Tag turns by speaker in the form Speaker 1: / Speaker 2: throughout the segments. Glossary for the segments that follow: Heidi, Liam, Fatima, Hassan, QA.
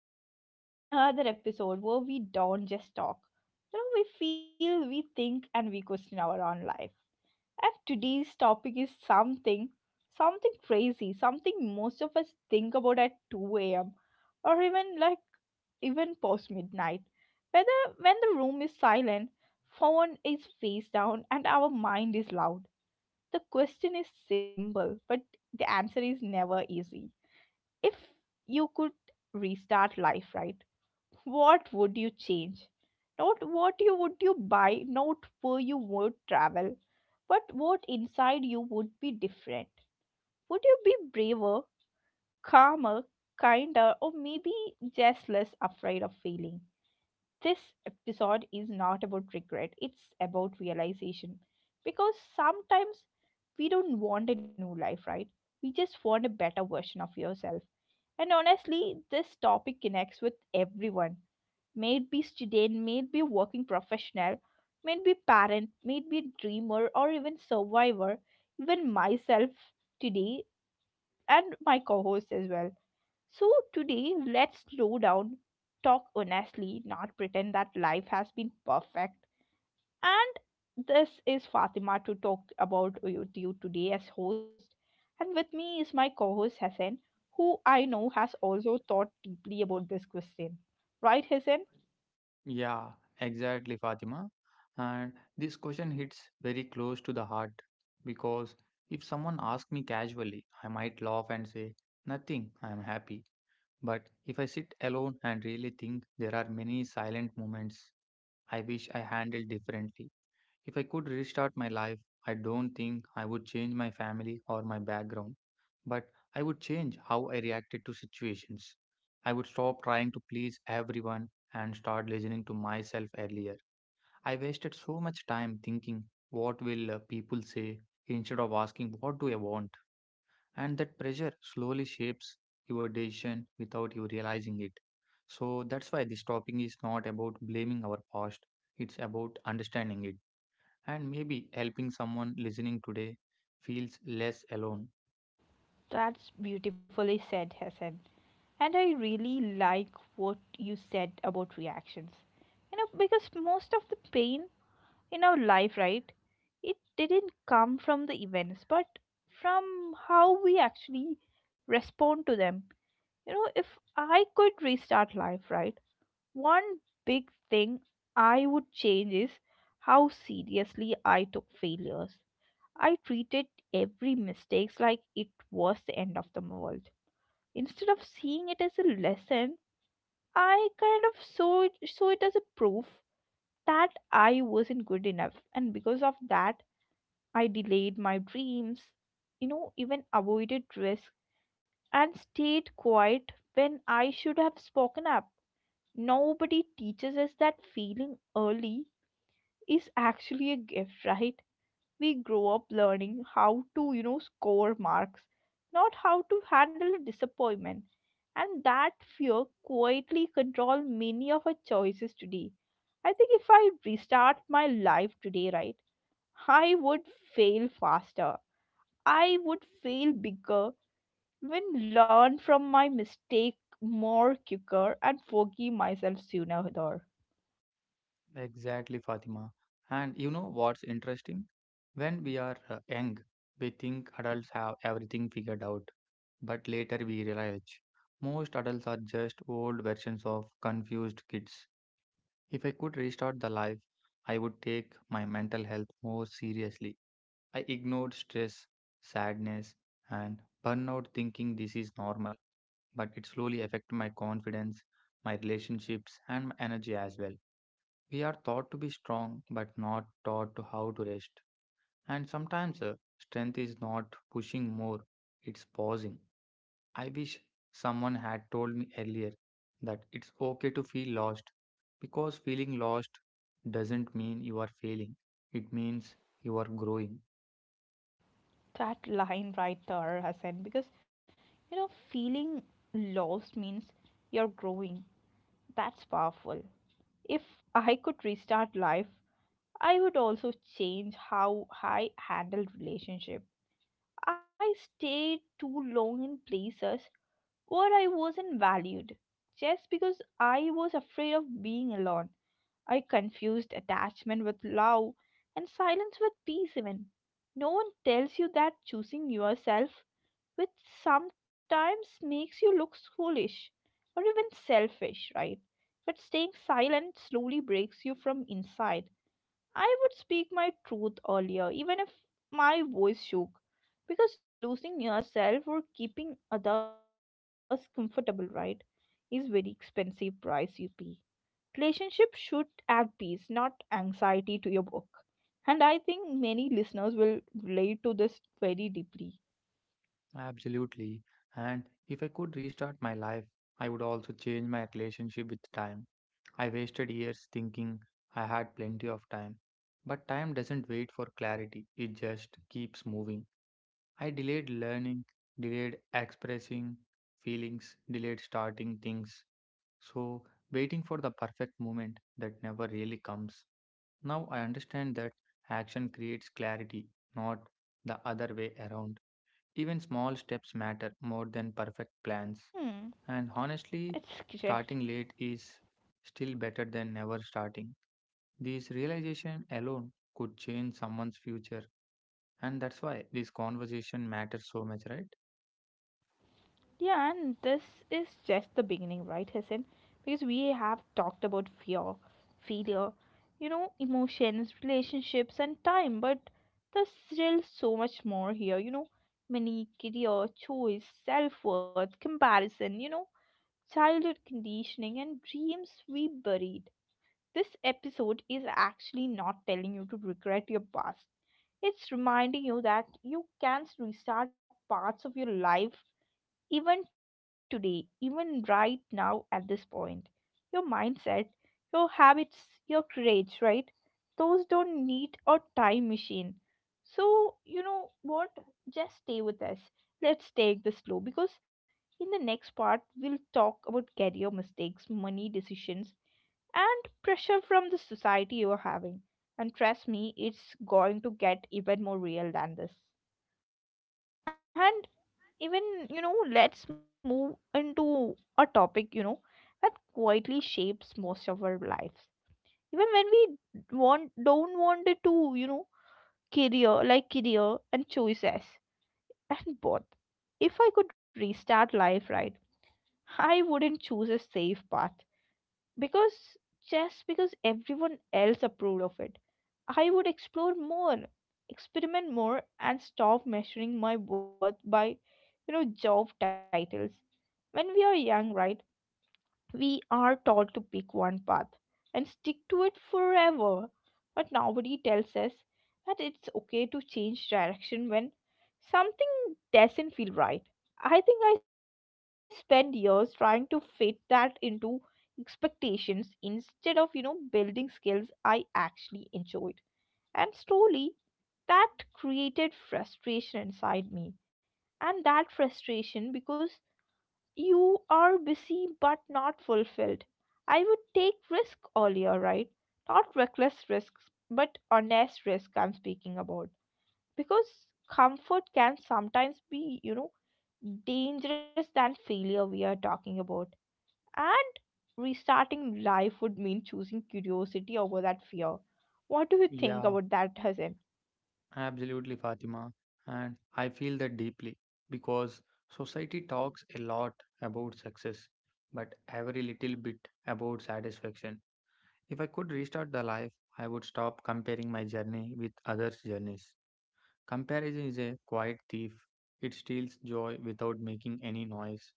Speaker 1: to another episode where we don't just talk. We feel, we think, and we question our own life. And today's topic is something crazy, something most of us think about at 2 a.m. or even post midnight, whether when the room is silent, phone is face down, and our mind is loud. The question is simple, but the answer is never easy. If you could restart life, right, what would you change? Not what you would you buy, not where you would travel, but what inside you would be different. Would you be braver, calmer, kinder, or maybe just less afraid of failing? This episode is not about regret, it's about realization. Because sometimes we don't want a new life, right, we just want a better version of yourself. And honestly, this topic connects with everyone. May it be student, may it be working professional, may it be parent, may it be dreamer or even survivor, even myself today and my co-host as well. So today let's slow down, talk honestly, not pretend that life has been perfect. And this is Fatima to talk about with you today as host. And with me is my co host Hassan, who I know has also thought deeply about this question. Right, Hassan?
Speaker 2: Yeah, exactly, Fatima. And this question hits very close to the heart because if someone asks me casually, I might laugh and say, "Nothing, I am happy." But if I sit alone and really think, there are many silent moments I wish I handled differently. If I could restart my life, I don't think I would change my family or my background, but I would change how I reacted to situations. I would stop trying to please everyone and start listening to myself earlier. I wasted so much time thinking, what will people say, instead of asking, what do I want? And that pressure slowly shapes your decision without you realizing it. So that's why this topic is not about blaming our past, it's about understanding it. And maybe helping someone listening today feels less alone.
Speaker 1: That's beautifully said, Hassan. And I really like what you said about reactions. Because most of the pain in our life, right, it didn't come from the events, but from how we actually respond to them. If I could restart life, right, one big thing I would change is how seriously I took failures. I treated every mistake like it was the end of the world. Instead of seeing it as a lesson, I kind of saw it as a proof that I wasn't good enough. And because of that, I delayed my dreams, even avoided risk and stayed quiet when I should have spoken up. Nobody teaches us that failing early is actually a gift, right? We grow up learning how to, score marks, not how to handle disappointment. And that fear quietly controls many of our choices today. I think if I restart my life today, right, I would fail faster. I would fail bigger, even learn from my mistake more quicker and forgive myself sooner. There.
Speaker 2: Exactly, Fatima. And you know what's interesting? When we are young, we think adults have everything figured out. But later we realize most adults are just old versions of confused kids. If I could restart the life, I would take my mental health more seriously. I ignored stress, sadness, and burnout thinking this is normal. But it slowly affected my confidence, my relationships, and my energy as well. We are taught to be strong, but not taught to how to rest. And sometimes strength is not pushing more, it's pausing. I wish someone had told me earlier that it's okay to feel lost because feeling lost doesn't mean you are failing, it means you are growing.
Speaker 1: That line right there, Hassan, because feeling lost means you're growing. That's powerful. If I could restart life, I would also change how I handle relationship. I stayed too long in places where I wasn't valued just because I was afraid of being alone. I confused attachment with love and silence with peace even. No one tells you that choosing yourself, which sometimes makes you look foolish or even selfish, right? But staying silent slowly breaks you from inside. I would speak my truth earlier, even if my voice shook, because losing yourself or keeping others comfortable, right, is very expensive price you pay. Relationship should add peace, not anxiety to your book. And I think many listeners will relate to this very deeply.
Speaker 2: Absolutely. And if I could restart my life, I would also change my relationship with time. I wasted years thinking I had plenty of time. But time doesn't wait for clarity, it just keeps moving. I delayed learning, delayed expressing feelings, delayed starting things. So, waiting for the perfect moment that never really comes. Now I understand that action creates clarity, not the other way around. Even
Speaker 1: Hmm,
Speaker 2: small steps matter more
Speaker 1: it's
Speaker 2: than perfect
Speaker 1: correct.
Speaker 2: plans. And honestly, starting late is still better than never starting. This realization alone could change someone's future. And that's why this conversation matters so much, right?
Speaker 1: Yeah, and this is just the beginning, right, Hassan? Because we have talked about fear, failure, emotions, relationships, and time, but there's still so much more here, money, career, choice, self worth, comparison, childhood conditioning, and dreams we buried. This episode is actually not telling you to regret your past. It's reminding you that you can restart parts of your life even today, even right now at this point. Your mindset, your habits, your courage, right? Those don't need a time machine. So, you know what? Just stay with us. Let's take this slow because in the next part, we'll talk about career mistakes, money decisions, and pressure from the society you're having. And trust me, it's going to get even more real than this. And even, let's move into a topic, that quietly shapes most of our lives even when we want don't want it to, career, like career and choices and both. If I could restart life, right, I wouldn't choose a safe path, because just because everyone else approved of it. I would explore more, experiment more, and stop measuring my worth by, job titles. When we are young, right, we are taught to pick one path and stick to it forever. But nobody tells us that it's okay to change direction when something doesn't feel right. I think I spent years trying to fit that into expectations instead of, building skills I actually enjoyed. And slowly that created frustration inside me, and that frustration, because you are busy but not fulfilled. I would take risk earlier, right, not reckless risks but honest risk I'm speaking about, because comfort can sometimes be, dangerous than failure we are talking about. And restarting life would mean choosing curiosity over that fear. What do you
Speaker 2: Yeah,
Speaker 1: think about that, Hasan?
Speaker 2: absolutely, Fatima. And I feel that deeply because society talks a lot about success, but every little bit about satisfaction. If I could restart the life, I would stop comparing my journey with others' journeys. Comparison is a quiet thief. It steals joy without making any noise.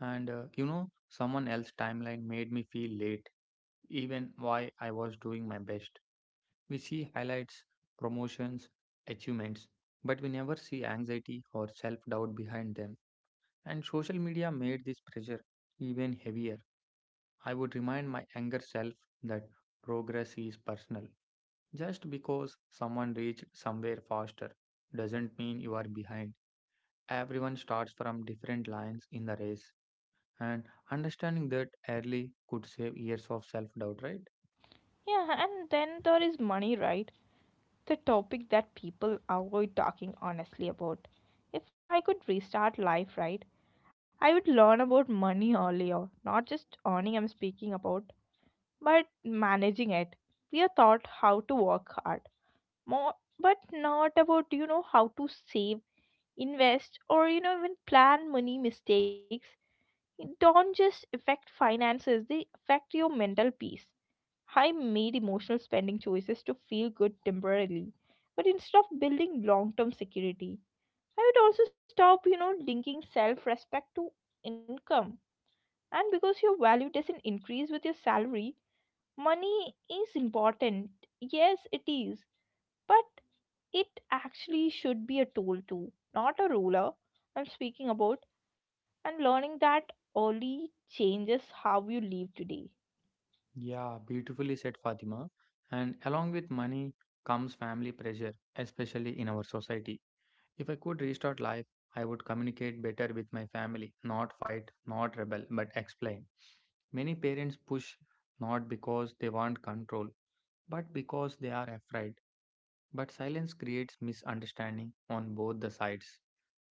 Speaker 2: And someone else's timeline made me feel late, even while I was doing my best. We see highlights, promotions, achievements, but we never see anxiety or self doubt behind them. And social media made this pressure even heavier. I would remind my younger self that progress is personal. Just because someone reached somewhere faster doesn't mean you are behind. Everyone starts from different lines in the race, and understanding that early could save years of self doubt, right?
Speaker 1: Yeah, and then there is money, right? The topic that people avoid talking honestly about. If I could restart life, right, I would learn about money earlier, not just earning I'm speaking about, but managing it. We are taught how to work hard, more, but not about, how to save, invest, or, even plan money mistakes. It don't just affect finances, they affect your mental peace. I made emotional spending choices to feel good temporarily, but instead of building long term security, I would also stop, linking self respect to income. And because your value doesn't increase with your salary, money is important. Yes, it is. But it actually should be a tool too, not a ruler. I'm speaking about, and learning that early changes how you live today.
Speaker 2: Yeah, beautifully said, Fatima. And along with money comes family pressure, especially in our society. If I could restart life, I would communicate better with my family, not fight, not rebel, but explain. Many parents push not because they want control, but because they are afraid. But silence creates misunderstanding on both the sides.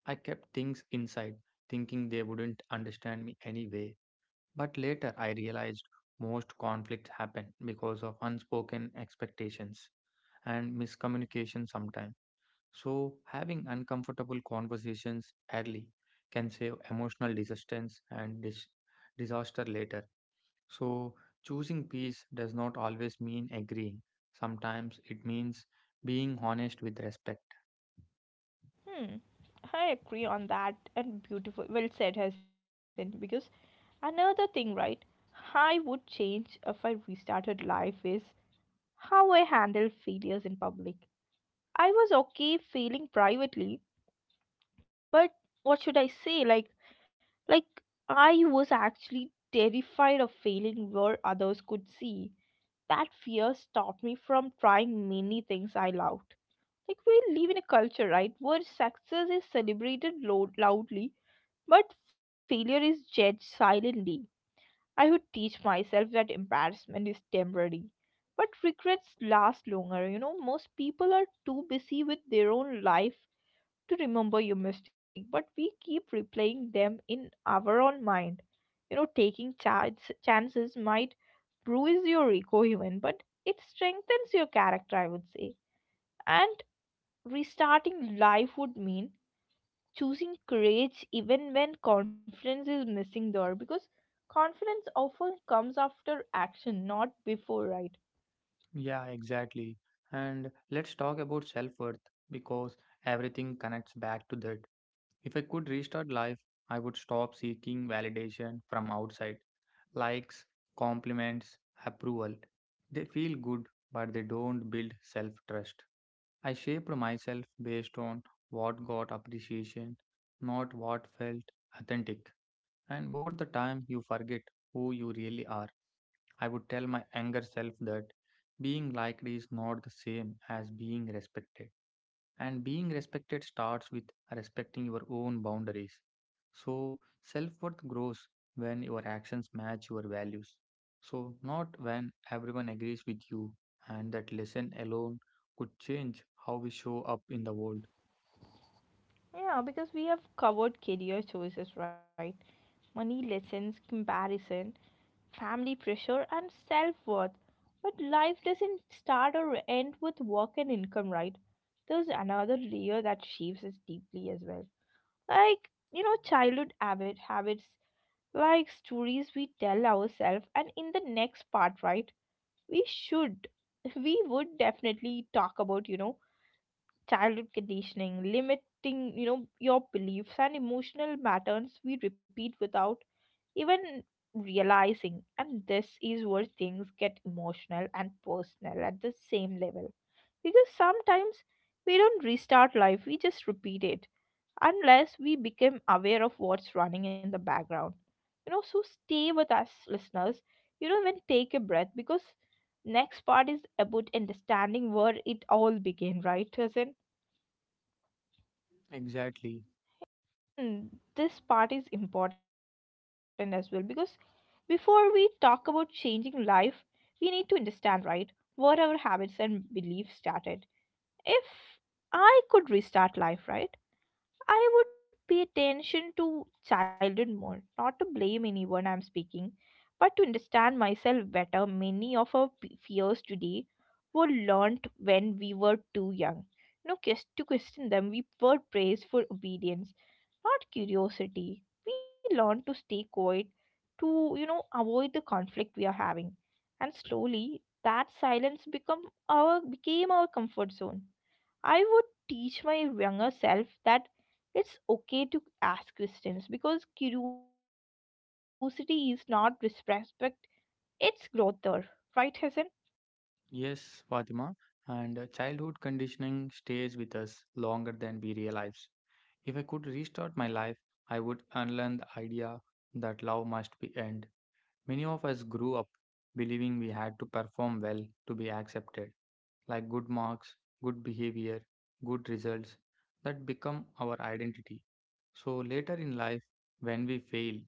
Speaker 2: I kept things inside, thinking they wouldn't understand me anyway. But later I realized most conflicts happen because of unspoken expectations and miscommunication sometimes. So, having uncomfortable conversations early can save emotional resistance and disaster later. So, choosing peace does not always mean agreeing. Sometimes it means being honest with respect.
Speaker 1: Hmm. I agree on that, and beautiful. Well said, Hassan. Because another thing, right? I would change if I restarted life is how I handle failures in public. I was okay failing privately, but what should I say? Like, I was actually terrified of failing where others could see. That fear stopped me from trying many things I loved. Like we live in a culture, right, where success is celebrated loudly. But failure is judged silently. I would teach myself that embarrassment is temporary. But regrets last longer. Most people are too busy with their own life to remember your mistake, but we keep replaying them in our own mind. Taking chances might bruise your ego even, but it strengthens your character, I would say. And restarting life would mean choosing courage even when confidence is missing there, because confidence often comes after action not before, right?
Speaker 2: Yeah, exactly. And let's talk about self worth because everything connects back to that. If I could restart life, I would stop seeking validation from outside. Likes, compliments, approval. They feel good, but they don't build self trust. I shaped myself based on what got appreciation, not what felt authentic. And over the time, you forget who you really are. I would tell my younger self that being liked is not the same as being respected. And being respected starts with respecting your own boundaries. So, self worth grows when your actions match your values. So, not when everyone agrees with you, and that lesson alone could change how we show up in the world.
Speaker 1: Yeah, because we have covered career choices, right, money lessons, comparison, family pressure and self-worth, but life doesn't start or end with work and income, right? There's another layer that shapes us deeply as well, like childhood habits, like stories we tell ourselves. And in the next part, right, we should we would definitely talk about, childhood conditioning, limiting, your beliefs and emotional patterns we repeat without even realizing. And this is where things get emotional and personal at the same level. Because sometimes we don't restart life, we just repeat it unless we become aware of what's running in the background. So stay with us, listeners. Even take a breath because next part is about understanding where it all began, right, Hasan?
Speaker 2: Exactly.
Speaker 1: Hmm, this part is important as well because before we talk about changing life, we need to understand, right, where our habits and beliefs started. If I could restart life, right? I would pay attention to childhood more, not to blame anyone I'm speaking, but to understand myself better. Many of our fears today were learnt when we were too young. No, to question them, we were praised for obedience, not curiosity. We learned to stay quiet, to avoid the conflict we are having, and slowly that silence become our became our comfort zone. I would teach my younger self that it's okay to ask questions because curiosity is not disrespect, it's growth there. Right, Hassan?
Speaker 2: Yes, Fatima. And childhood conditioning stays with us longer than we realize. If I could restart my life, I would unlearn the idea that love must be end. Many of us grew up believing we had to perform well to be accepted, like good marks, good behavior, good results that become our identity. So later in life, when we fail,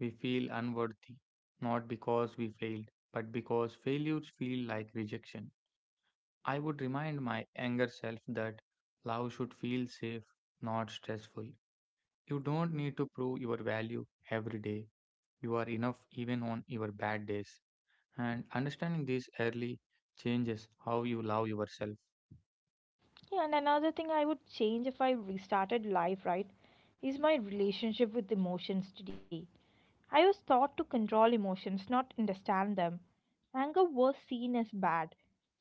Speaker 2: we feel unworthy, not because we failed, but because failures feel like rejection. I would remind my younger self that love should feel safe, not stressful. You don't need to prove your value every day. You are enough even on your bad days. And understanding these early changes how you love yourself.
Speaker 1: Yeah, and another thing I would change if I restarted life, right, is my relationship with emotions today. I was taught to control emotions, not understand them. Anger was seen as bad,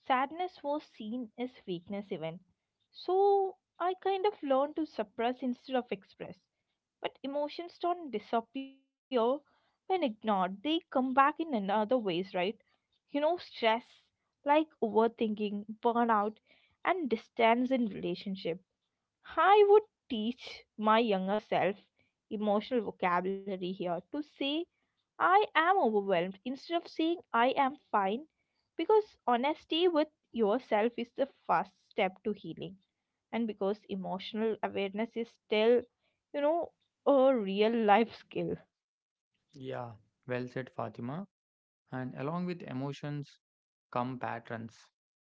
Speaker 1: sadness was seen as weakness, even. So I kind of learned to suppress instead of express. But emotions don't disappear when ignored, they come back in another ways, right? Stress, like overthinking, burnout, and distance in relationship. I would teach my younger self emotional vocabulary here to say I am overwhelmed instead of saying I am fine, because honesty with yourself is the first step to healing, and because emotional awareness is still you know a real life skill.
Speaker 2: Yeah, well said, Fatima. And along with emotions come patterns.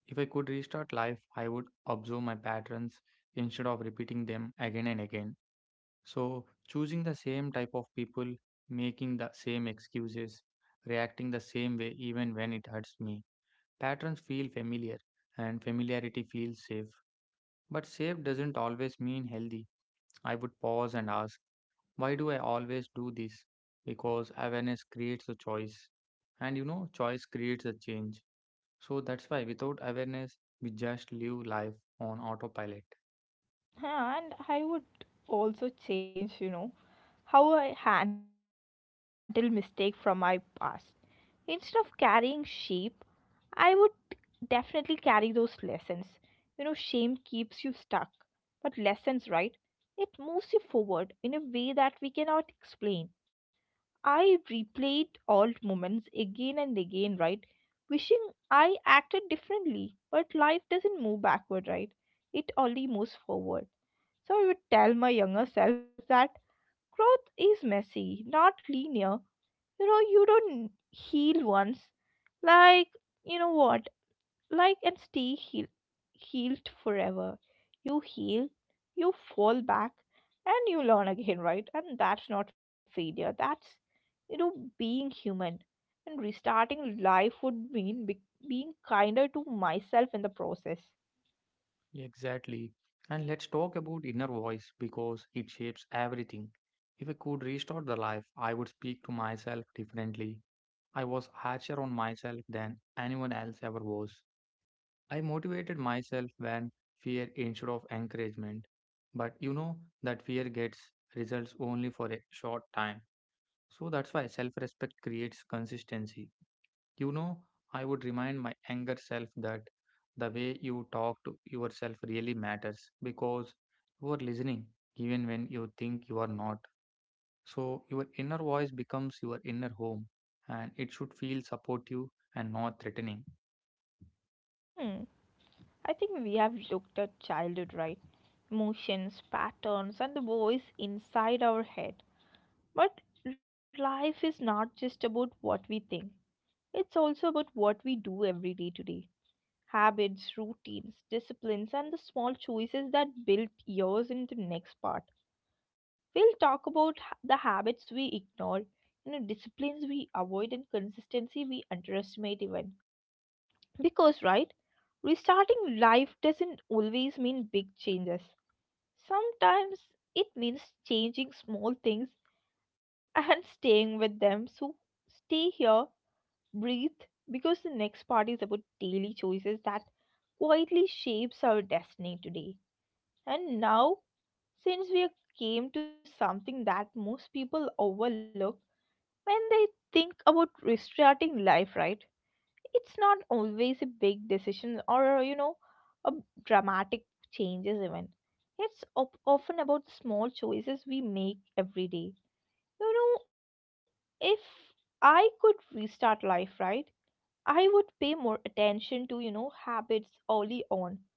Speaker 2: If I could restart life, I would observe my patterns instead of repeating them again and again. So, choosing the same type of people, making the same excuses, reacting the same way even when it hurts me. Patterns feel familiar, and familiarity feels safe. But safe doesn't always mean healthy. I would pause and ask, why do I always do this? Because awareness creates a choice. And you know, choice creates a change. So that's why without awareness, we just live life on autopilot.
Speaker 1: And I would also change how I handle mistake from my past. Instead of carrying sheep, I would definitely carry those lessons. You know, shame keeps you stuck, but lessons, right, it moves you forward in a way that we cannot explain. I replayed old moments again and again, right? Wishing I acted differently. But life doesn't move backward, right? It only moves forward. So I would tell my younger self that growth is messy, not linear. You know, you don't heal once. Like, you know what? Like, and stay healed forever. You heal, you fall back, and you learn again, right? And that's not failure. That's, you know, being human. And restarting life would mean being kinder to myself in the process.
Speaker 2: Exactly. And let's talk about inner voice because it shapes everything. If I could restart the life, I would speak to myself differently. I was harsher on myself than anyone else ever was. I motivated myself when fear instead of encouragement. But you know that fear gets results only for a short time. So that's why self respect creates consistency. You know, I would remind my younger self that the way you talk to yourself really matters because you are listening even when you think you are not. So your inner voice becomes your inner home and it should feel supportive and not threatening.
Speaker 1: Hmm. I think we have looked at childhood, right? Emotions, patterns, and the voice inside our head. But life is not just about what we think. It's also about what we do every day today: habits, routines, disciplines, and the small choices that build years in the next part. We'll talk about the habits we ignore, you know, disciplines we avoid, and consistency we underestimate even. Because, right, restarting life doesn't always mean big changes. Sometimes it means changing small things and staying with them. So, stay here, breathe, because the next part is about daily choices that quietly shapes our destiny today and now. Since we came to something that most people overlook when they think about restarting life, right, it's not always a big decision or you know, a dramatic changes even. It's often about small choices we make every day. You know, if I could restart life, right, I would pay more attention to, you know, habits early on,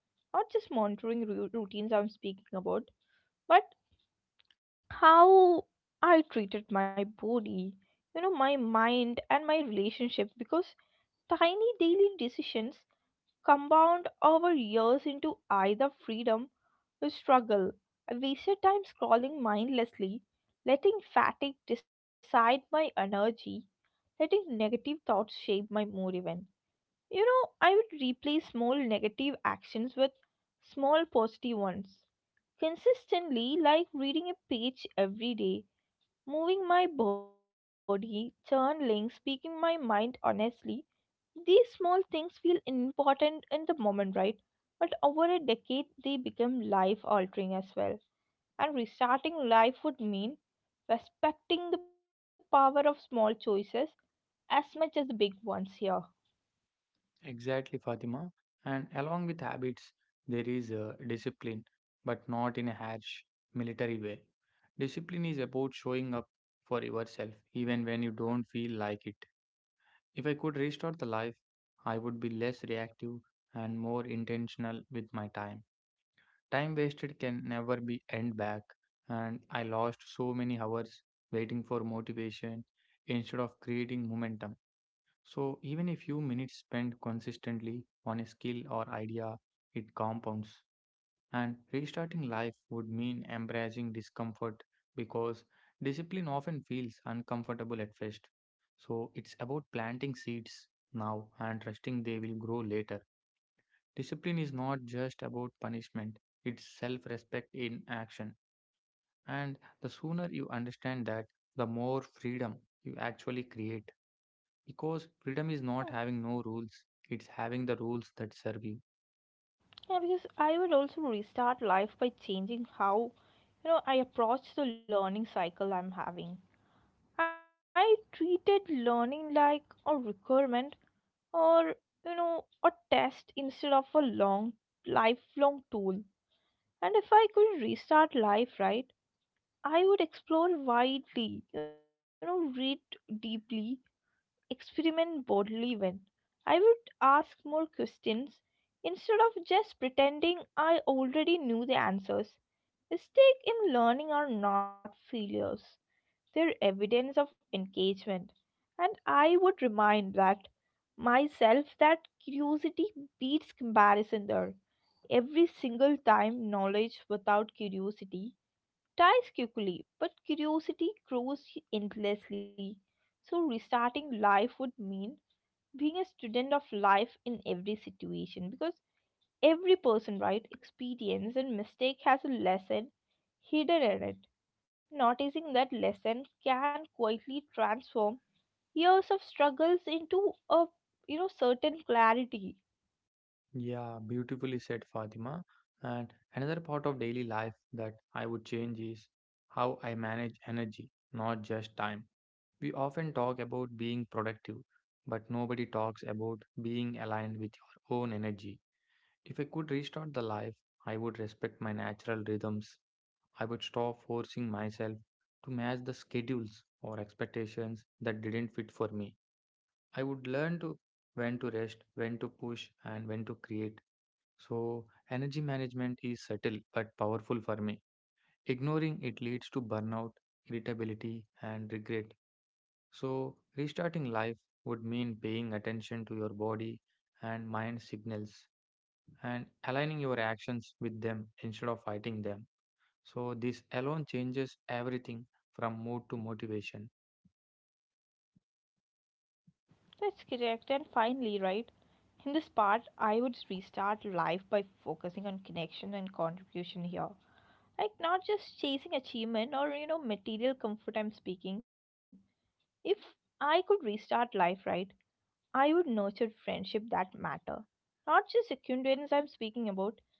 Speaker 1: not just monitoring routines I'm speaking about, but how I treated my body, you know, my mind and my relationships, because tiny daily decisions compound over years into either freedom or struggle. I wasted time scrolling mindlessly, letting fatigue decide my energy, letting negative thoughts shape my mood even. You know, I would replace small negative actions with small positive ones. Consistently, like reading a page every day, moving my body, journaling, speaking my mind honestly. These small things feel important in the moment, right? But over a decade, they become life altering as well. And restarting life would mean respecting the power of small choices as much as the big ones here.
Speaker 2: Exactly, Fatima. And along with habits, there is discipline, but not in a harsh military way. Discipline is about showing up for yourself, even when you don't feel like it. If I could restart the life, I would be less reactive and more intentional with my time. Time wasted can never be end back, and I lost so many hours waiting for motivation instead of creating momentum. So, even a few minutes spent consistently on a skill or idea, it compounds. And restarting life would mean embracing discomfort because discipline often feels uncomfortable at first. So, it's about planting seeds now and trusting they will grow later. Discipline is not just about punishment, it's self respect in action. And the sooner you understand that, the more freedom you actually create. Because freedom is not having no rules, it's having the rules that serve you.
Speaker 1: Yeah, because I would also restart life by changing how, you know, I approach the learning cycle I'm having. I treated learning like a requirement or, you know, a test instead of a long, lifelong tool. And if I could restart life, right, I would explore widely, you know, read deeply. Experiment boldly. When I would ask more questions instead of just pretending I already knew the answers. Mistakes in learning are not failures, they're evidence of engagement. And I would remind that myself that curiosity beats comparison there. Every single time, knowledge without curiosity dies quickly, but curiosity grows endlessly. So restarting life would mean being a student of life in every situation, because every person, right, experience and mistake has a lesson hidden in it. Noticing that lesson can quietly transform years of struggles into a, you know, certain clarity.
Speaker 2: Yeah, beautifully said, Fatima. And another part of daily life that I would change is how I manage energy, not just time. We often talk about being productive, but nobody talks about being aligned with your own energy. If I could restart the life, I would respect my natural rhythms. I would stop forcing myself to match the schedules or expectations that didn't fit for me. I would learn to when to rest, when to push, and when to create. So, energy management is subtle but powerful for me. Ignoring it leads to burnout, irritability, and regret. So, restarting life would mean paying attention to your body and mind signals and aligning your actions with them instead of fighting them. So, this alone changes everything from mood to motivation.
Speaker 1: That's correct. And finally, right, in this part I would restart life by focusing on connection and contribution here, like not just chasing achievement or, you know, material comfort I'm speaking. If I could restart life, right, I would nurture friendship that matter. Not just acquaintance I'm speaking about.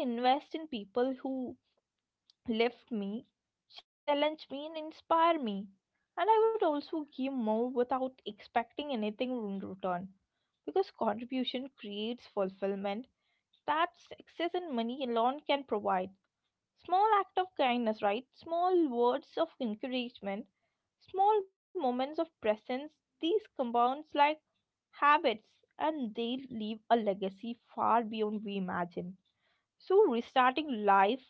Speaker 1: I would invest in people who lift me, challenge me, and inspire me. And I would also give more without expecting anything in return. Because contribution creates fulfillment that success and money alone can provide. Small act of kindness, right? Small words of encouragement, small moments of presence, these compounds like habits, and they leave a legacy far beyond we imagine. So restarting life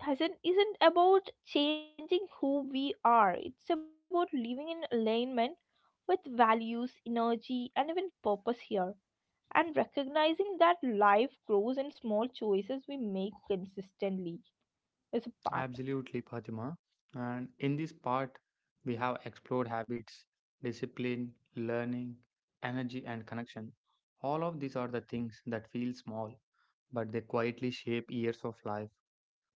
Speaker 1: hasn't isn't about changing who we are. It's about living in alignment with values, energy, and even purpose here. And recognizing that life grows in small choices we make consistently is a part.
Speaker 2: Absolutely, Fatima. And in this part, we have explored habits, discipline, learning, energy, and connection. All of these are the things that feel small, but they quietly shape years of life.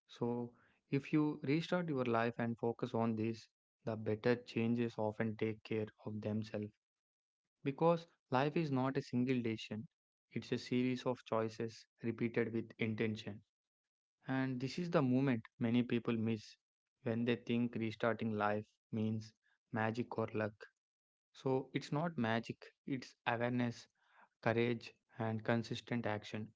Speaker 2: So, if you restart your life and focus on these, the better changes often take care of themselves. Because life is not a single decision, it's a series of choices repeated with intention. And this is the moment many people miss when they think restarting life means magic or luck. So it's not magic, it's awareness, courage, and consistent action.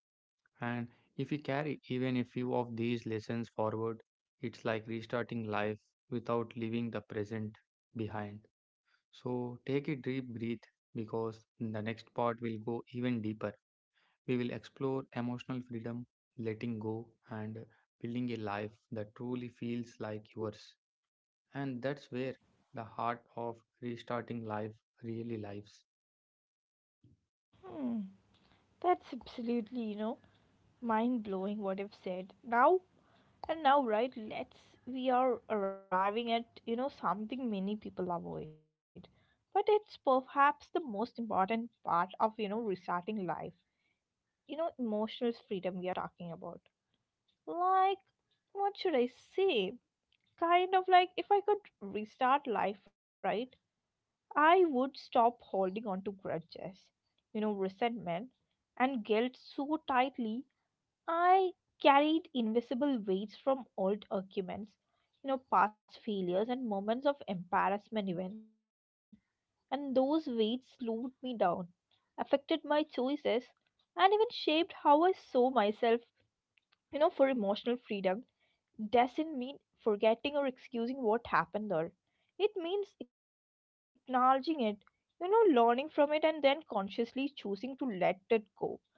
Speaker 2: And if we carry even a few of these lessons forward, it's like restarting life without leaving the present behind. So take a deep breath because the next part will go even deeper. We will explore emotional freedom, letting go, and building a life that truly feels like yours. And that's where the heart of restarting life really lives.
Speaker 1: Hmm. That's absolutely, you know, mind blowing what I have said. Now and now, right? Let's, we are arriving at, you know, something many people avoid. But it's perhaps the most important part of, you know, restarting life. You know, emotional freedom we are talking about. Like, what should I say? Kind of like, if I could restart life, right? I would stop holding on to grudges, you know, resentment and guilt so tightly. I carried invisible weights from old arguments, you know, past failures and moments of embarrassment even. And those weights slowed me down, affected my choices, and even shaped how I saw myself. You know, for emotional freedom doesn't mean forgetting or excusing what happened there. It means acknowledging it, you know, learning from it, and then consciously choosing to let it go,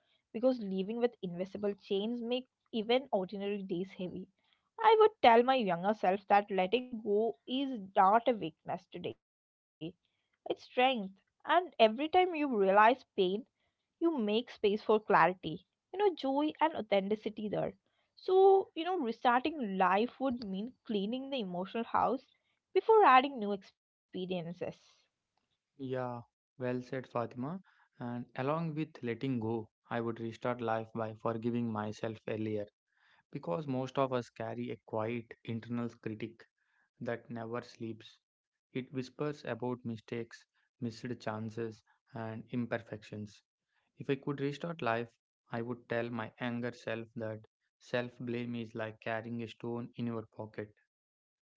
Speaker 1: because living with invisible chains make even ordinary days heavy. I would tell my younger self that letting go is not a weakness today, it's strength. And every time you realize pain, you make space for clarity, you know, joy, and authenticity there. So, you know, restarting life would mean cleaning the emotional house before adding new experiences.
Speaker 2: Yeah, well said, Fatima. And along with letting go, I would restart life by forgiving myself earlier because most of us carry a quiet internal critic that never sleeps. It whispers about mistakes, missed chances, and imperfections. If I could restart life, I would tell my younger self that self blame is like carrying a stone in your pocket.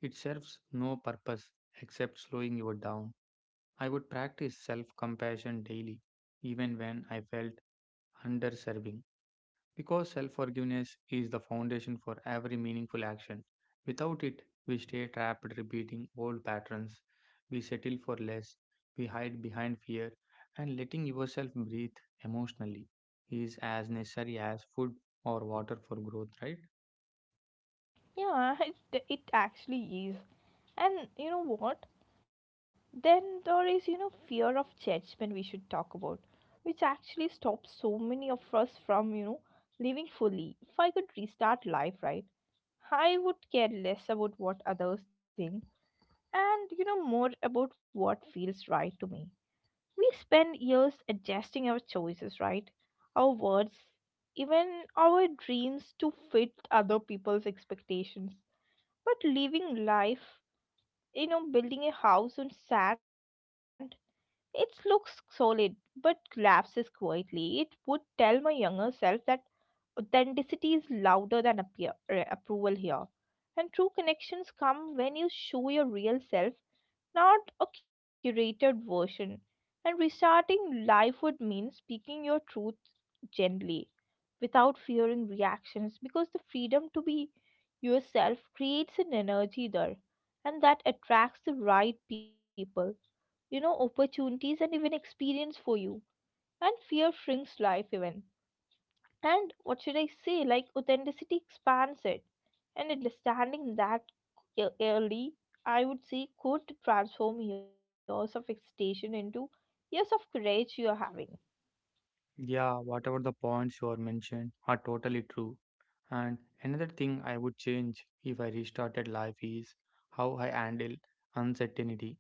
Speaker 2: It serves no purpose except slowing you down. I would practice self compassion daily, even when I felt underserving. Because self forgiveness is the foundation for every meaningful action. Without it, we stay trapped repeating old patterns, we settle for less, we hide behind fear, and letting yourself breathe emotionally is as necessary as food or water for growth, right?
Speaker 1: Yeah, it actually is. And you know what? Then there is, you know, fear of judgment we should talk about, which actually stops so many of us from, you know, living fully. If I could restart life, right, I would care less about what others think and, you know, more about what feels right to me. We spend years adjusting our choices, right? Our words, even our dreams, to fit other people's expectations. But living life, you know, building a house on sand, it looks solid but collapses quietly. It would tell my younger self that authenticity is louder than approval here. And true connections come when you show your real self, not a curated version. And restarting life would mean speaking your truth gently without fearing reactions, because the freedom to be yourself creates an energy there, and that attracts the right people, you know, opportunities, and even experience for you. And fear shrinks life even. And what should I say, like authenticity expands it. And understanding that early, I would say, could transform years of hesitation into years of courage you're having.
Speaker 2: Yeah, whatever the points you are mentioned are totally true. And another thing I would change if I restarted life is how I handle uncertainty.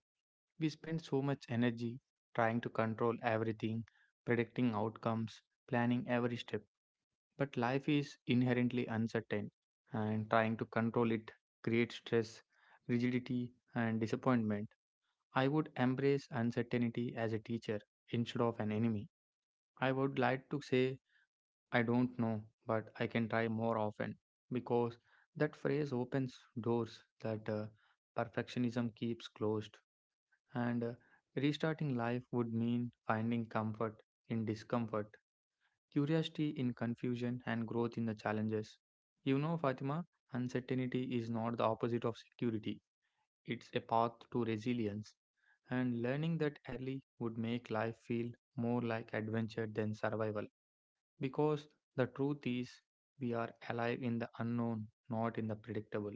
Speaker 2: We spend so much energy trying to control everything, predicting outcomes, planning every step. But life is inherently uncertain, and trying to control it creates stress, rigidity, and disappointment. I would embrace uncertainty as a teacher instead of an enemy. I would like to say, I don't know, but I can try more often because that phrase opens doors that perfectionism keeps closed. And Restarting life would mean finding comfort in discomfort, curiosity in confusion, and growth in the challenges. You know, Fatima, uncertainty is not the opposite of security, it's a path to resilience. And learning that early would make life feel more like adventure than survival. Because the truth is, we are alive in the unknown, not in the predictable.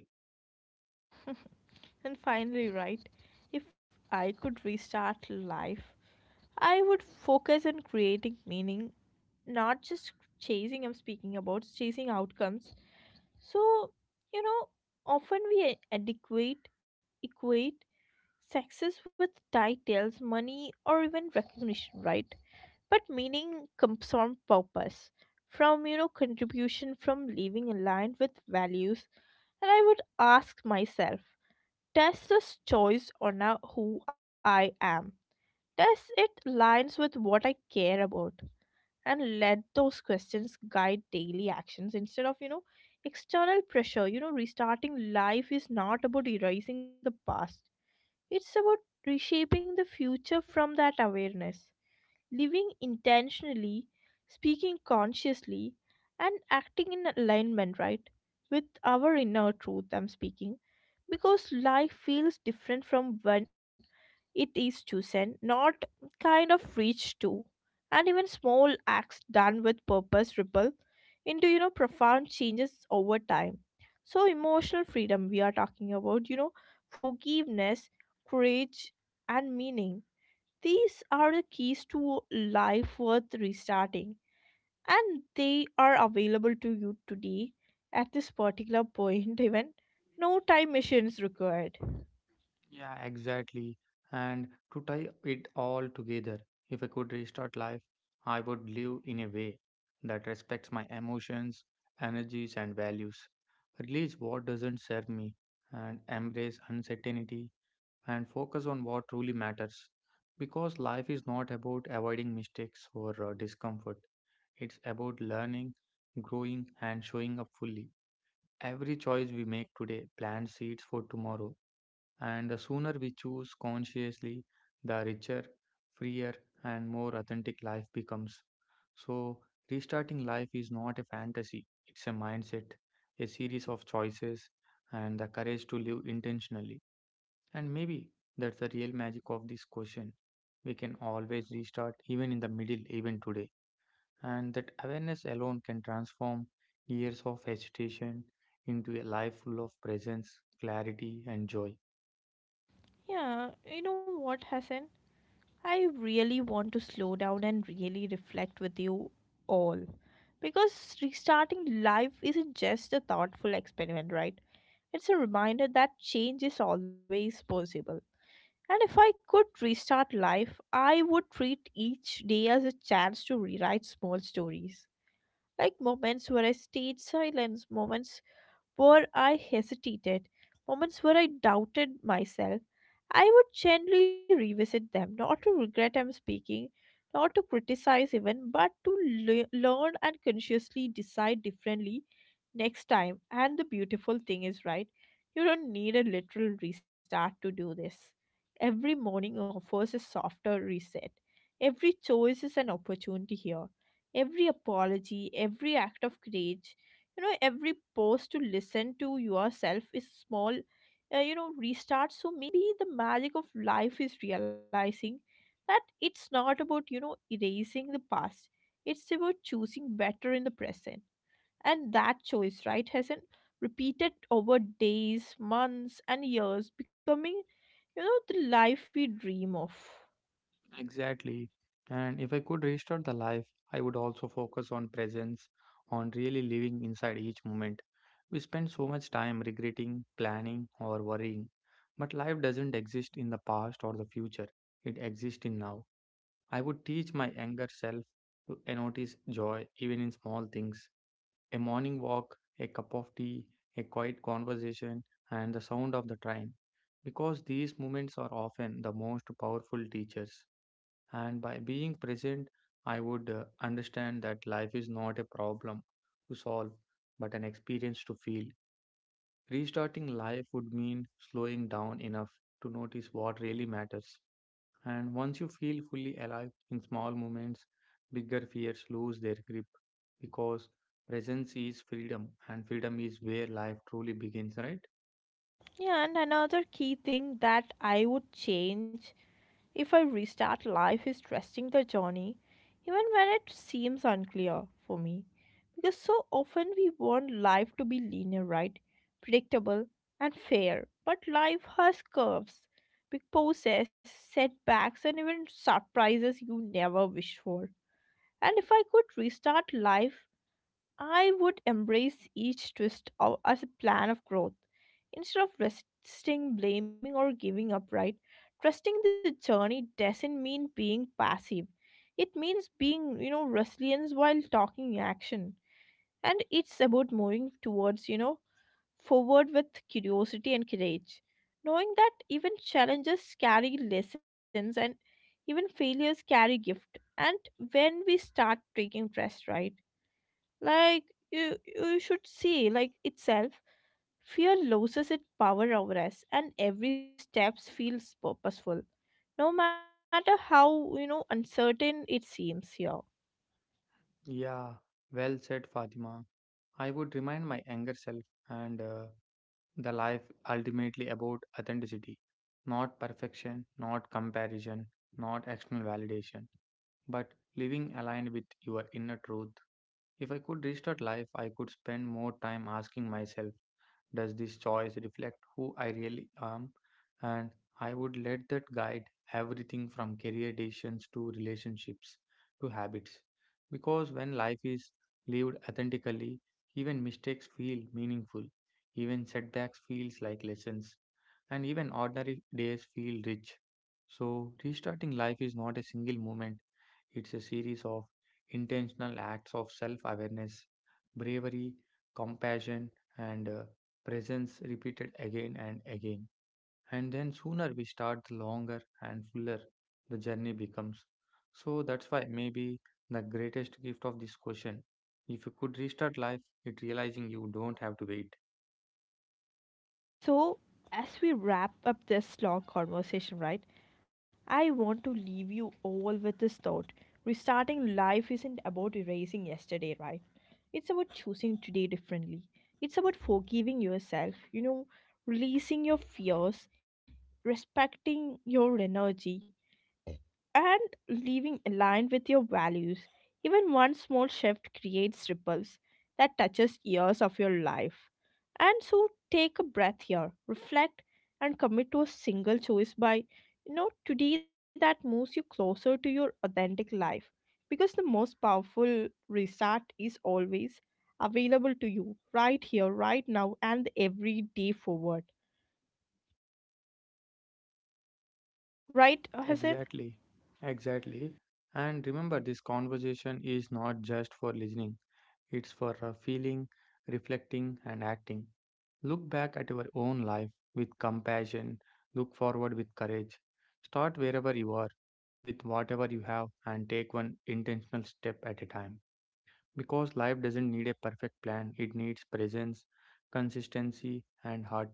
Speaker 1: And finally, right, if I could restart life, I would focus on creating meaning, not just chasing, I'm speaking about chasing outcomes. So, you know, often we equate success with titles, money, or even recognition, right? But meaning comes from purpose, from, you know, contribution, from living aligned with values. And I would ask myself, does this choice honor who I am? Does it aligns with what I care about? And let those questions guide daily actions instead of, you know, external pressure. You know, restarting life is not about erasing the past, it's about reshaping the future from that awareness. Living intentionally, speaking consciously, and acting in alignment, right? With our inner truth, I'm speaking, because life feels different from when it is chosen, not kind of reached to. And even small acts done with purpose ripple into, you know, profound changes over time. So emotional freedom we are talking about, you know, forgiveness, courage, and meaning. These are the keys to life worth restarting, and they are available to you today at this particular point even. No time machines required.
Speaker 2: Yeah, exactly. And to tie it all together, if I could restart life, I would live in a way that respects my emotions, energies, and values. Release what doesn't serve me, and embrace uncertainty, and focus on what truly matters. Because life is not about avoiding mistakes or discomfort, it's about learning, growing, and showing up fully. Every choice we make today plants seeds for tomorrow. And the sooner we choose consciously, the richer, freer, and more authentic life becomes. So, restarting life is not a fantasy, it's a mindset, a series of choices, and the courage to live intentionally. And maybe that's the real magic of this question. We can always restart, even in the middle, even today. And that awareness alone can transform years of hesitation into a life full of presence, clarity, and joy.
Speaker 1: Yeah, you know what, Hassan, I really want to slow down and really reflect with you all, because restarting life isn't just a thoughtful experiment, right? It's a reminder that change is always possible. And if I could restart life, I would treat each day as a chance to rewrite small stories. Like moments where I stayed silent, moments where I hesitated, moments where I doubted myself. I would gently revisit them, not to regret I'm speaking, not to criticize even, but to learn and consciously decide differently next time. And the beautiful thing is, right, you don't need a literal restart to do this. Every morning offers a softer reset. Every choice is an opportunity here. Every apology, every act of courage, you know, every pause to listen to yourself is small, you know, restart. So maybe the magic of life is realizing that it's not about, you know, erasing the past, it's about choosing better in the present. And that choice, right, Hassan, repeated over days, months, and years, becoming, you know, the life we dream of.
Speaker 2: Exactly. And if I could restart the life, I would also focus on presence, on really living inside each moment. We spend so much time regretting, planning, or worrying, but life doesn't exist in the past or the future. It exists in now. I would teach my younger self to notice joy even in small things: a morning walk, a cup of tea, a quiet conversation, and the sound of the train. Because these moments are often the most powerful teachers. And by being present, I would understand that life is not a problem to solve, but an experience to feel. Restarting life would mean slowing down enough to notice what really matters. And once you feel fully alive in small moments, bigger fears lose their grip because presence is freedom and freedom is where life truly begins, right?
Speaker 1: Yeah, and another key thing that I would change, If I restart life, is trusting the journey, even when it seems unclear for me. Because so often we want life to be linear, right? Predictable and fair. But life has curves, big pauses, setbacks, and even surprises you never wished for. And if I could restart life, I would embrace each as a plan of growth. Instead of resisting, blaming, or giving up, right? Trusting the journey doesn't mean being passive. It means being, resilient while talking action. And it's about moving towards, forward with curiosity and courage. Knowing that even challenges carry lessons and even failures carry gift. And when we start taking trust, right? Like you should see, like itself, fear loses its power over us, and every step feels purposeful, no matter how uncertain it seems here.
Speaker 2: Yeah, well said, Fatima. I would remind my younger self and the life ultimately about authenticity, not perfection, not comparison, not external validation, but living aligned with your inner truth. If I could restart life, I could spend more time asking myself, does this choice reflect who I really am? And I would let that guide everything from career decisions to relationships to habits. Because when life is lived authentically, even mistakes feel meaningful, even setbacks feels like lessons, and even ordinary days feel rich. So restarting life is not a single moment, it's a series of intentional acts of self awareness, bravery, compassion, and presence repeated again and again. And then sooner we start, the longer and fuller the journey becomes. So that's why maybe the greatest gift of this question. If you could restart life, it realizing you don't have to wait.
Speaker 1: So, as we wrap up this long conversation, right, I want to leave you all with this thought. Restarting life isn't about erasing yesterday, right? It's about choosing today differently. It's about forgiving yourself, releasing your fears, respecting your energy, and living aligned with your values. Even one small shift creates ripples that touches years of your life. And so take a breath here, reflect and commit to a single choice by today that moves you closer to your authentic life, because the most powerful restart is always available to you right here, right now, and the every day forward, right, Hassan?
Speaker 2: Exactly, exactly. And remember, this conversation is not just for listening. It's for feeling, reflecting, and acting. Look back at your own life with compassion. Look forward with courage. Start wherever you are, with whatever you have, and take one intentional step at a time. Because life doesn't need a perfect plan, it needs presence, consistency, and heart.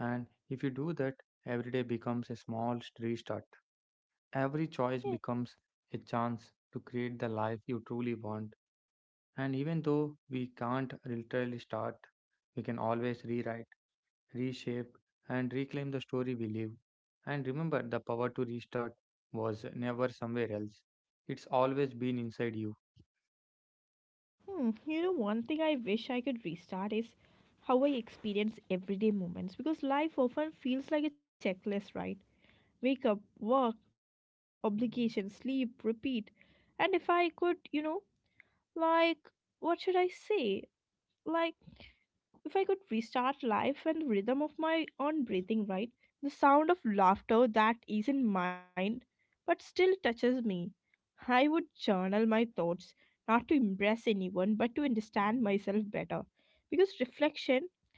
Speaker 2: And if you do that, every day becomes a small restart. Every choice becomes a chance to create the life you truly want, and even though we can't literally start, we can always rewrite, reshape, and reclaim the story we live. And remember, the power to restart was never somewhere else, it's always been inside you.
Speaker 1: One thing I wish I could restart is how I experience everyday moments, because life often feels like a checklist, right? Wake up, work, obligation, sleep, repeat. And if I could, like, what should I say? Like, if I could restart life and the rhythm of my own breathing, right? The sound of laughter that isn't mine but still touches me. I would journal my thoughts, not to impress anyone but to understand myself better. Because reflection,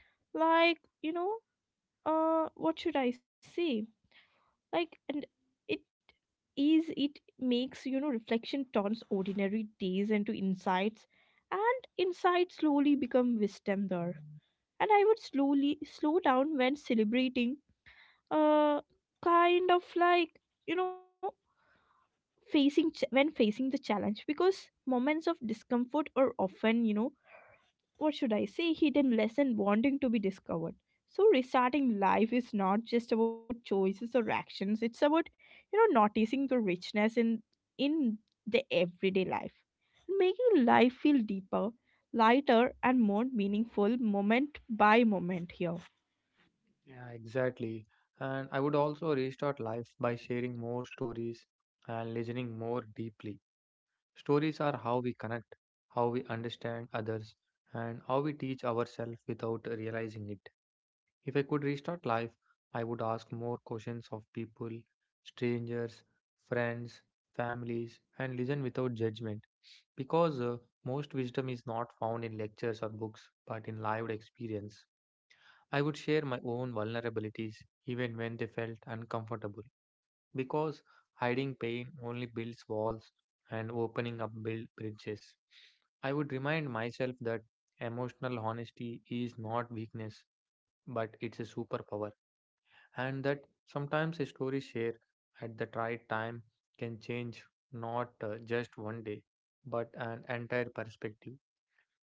Speaker 1: like, you know, what should I say? Like, and it is, it makes, you know, Reflection turns ordinary days into insights, and insights slowly become wisdom there. And I would slowly slow down when celebrating, uh kind of like you know facing when facing the challenge, because moments of discomfort are often, you know what should I say hidden lesson wanting to be discovered. So restarting life is not just about choices or actions, it's about, noticing the richness in in the everyday life, making life feel deeper, lighter, and more meaningful moment by moment here.
Speaker 2: Yeah, exactly. And I would also restart life by sharing more stories and listening more deeply. Stories are how we connect, how we understand others, and how we teach ourselves without realizing it. If I could restart life, I would ask more questions of people, strangers, friends, families, and listen without judgment. Because most wisdom is not found in lectures or books, but in lived experience. I would share my own vulnerabilities even when they felt uncomfortable. Because hiding pain only builds walls and opening up builds bridges. I would remind myself that emotional honesty is not weakness, but it's a superpower, and that sometimes a story shared at the right time can change not just one day but an entire perspective.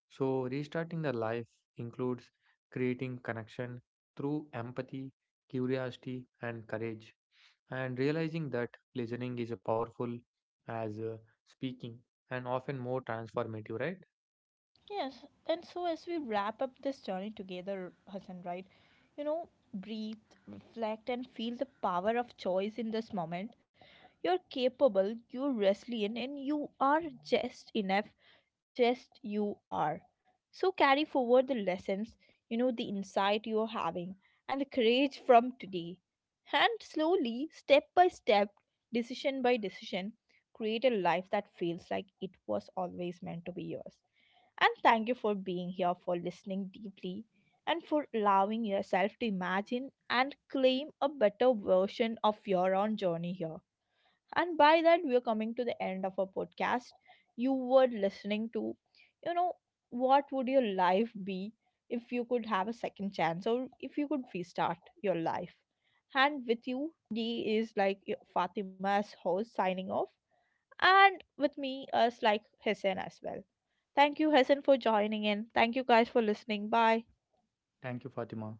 Speaker 2: So restarting the life includes creating connection through empathy, curiosity, and courage, and realizing that listening is a powerful as speaking, and often more transformative, right?
Speaker 1: Yes, and so as we wrap up this journey together, Hassan, right? You know, breathe, reflect, and feel the power of choice in this moment. You're capable, you're resilient, and you are just enough, just you are. So carry forward the lessons, the insight you're having, and the courage from today. And slowly, step by step, decision by decision, create a life that feels like it was always meant to be yours. And thank you for being here, for listening deeply, and for allowing yourself to imagine and claim a better version of your own journey here. And by that, we are coming to the end of our podcast. You were listening to, you know, what would your life be if you could have a second chance, or if you could restart your life? And with you, D is like Fatima's host signing off, and with me is like Hussein as well. Thank you, Hassan, for joining in. Thank you guys for listening. Bye.
Speaker 2: Thank you, Fatima.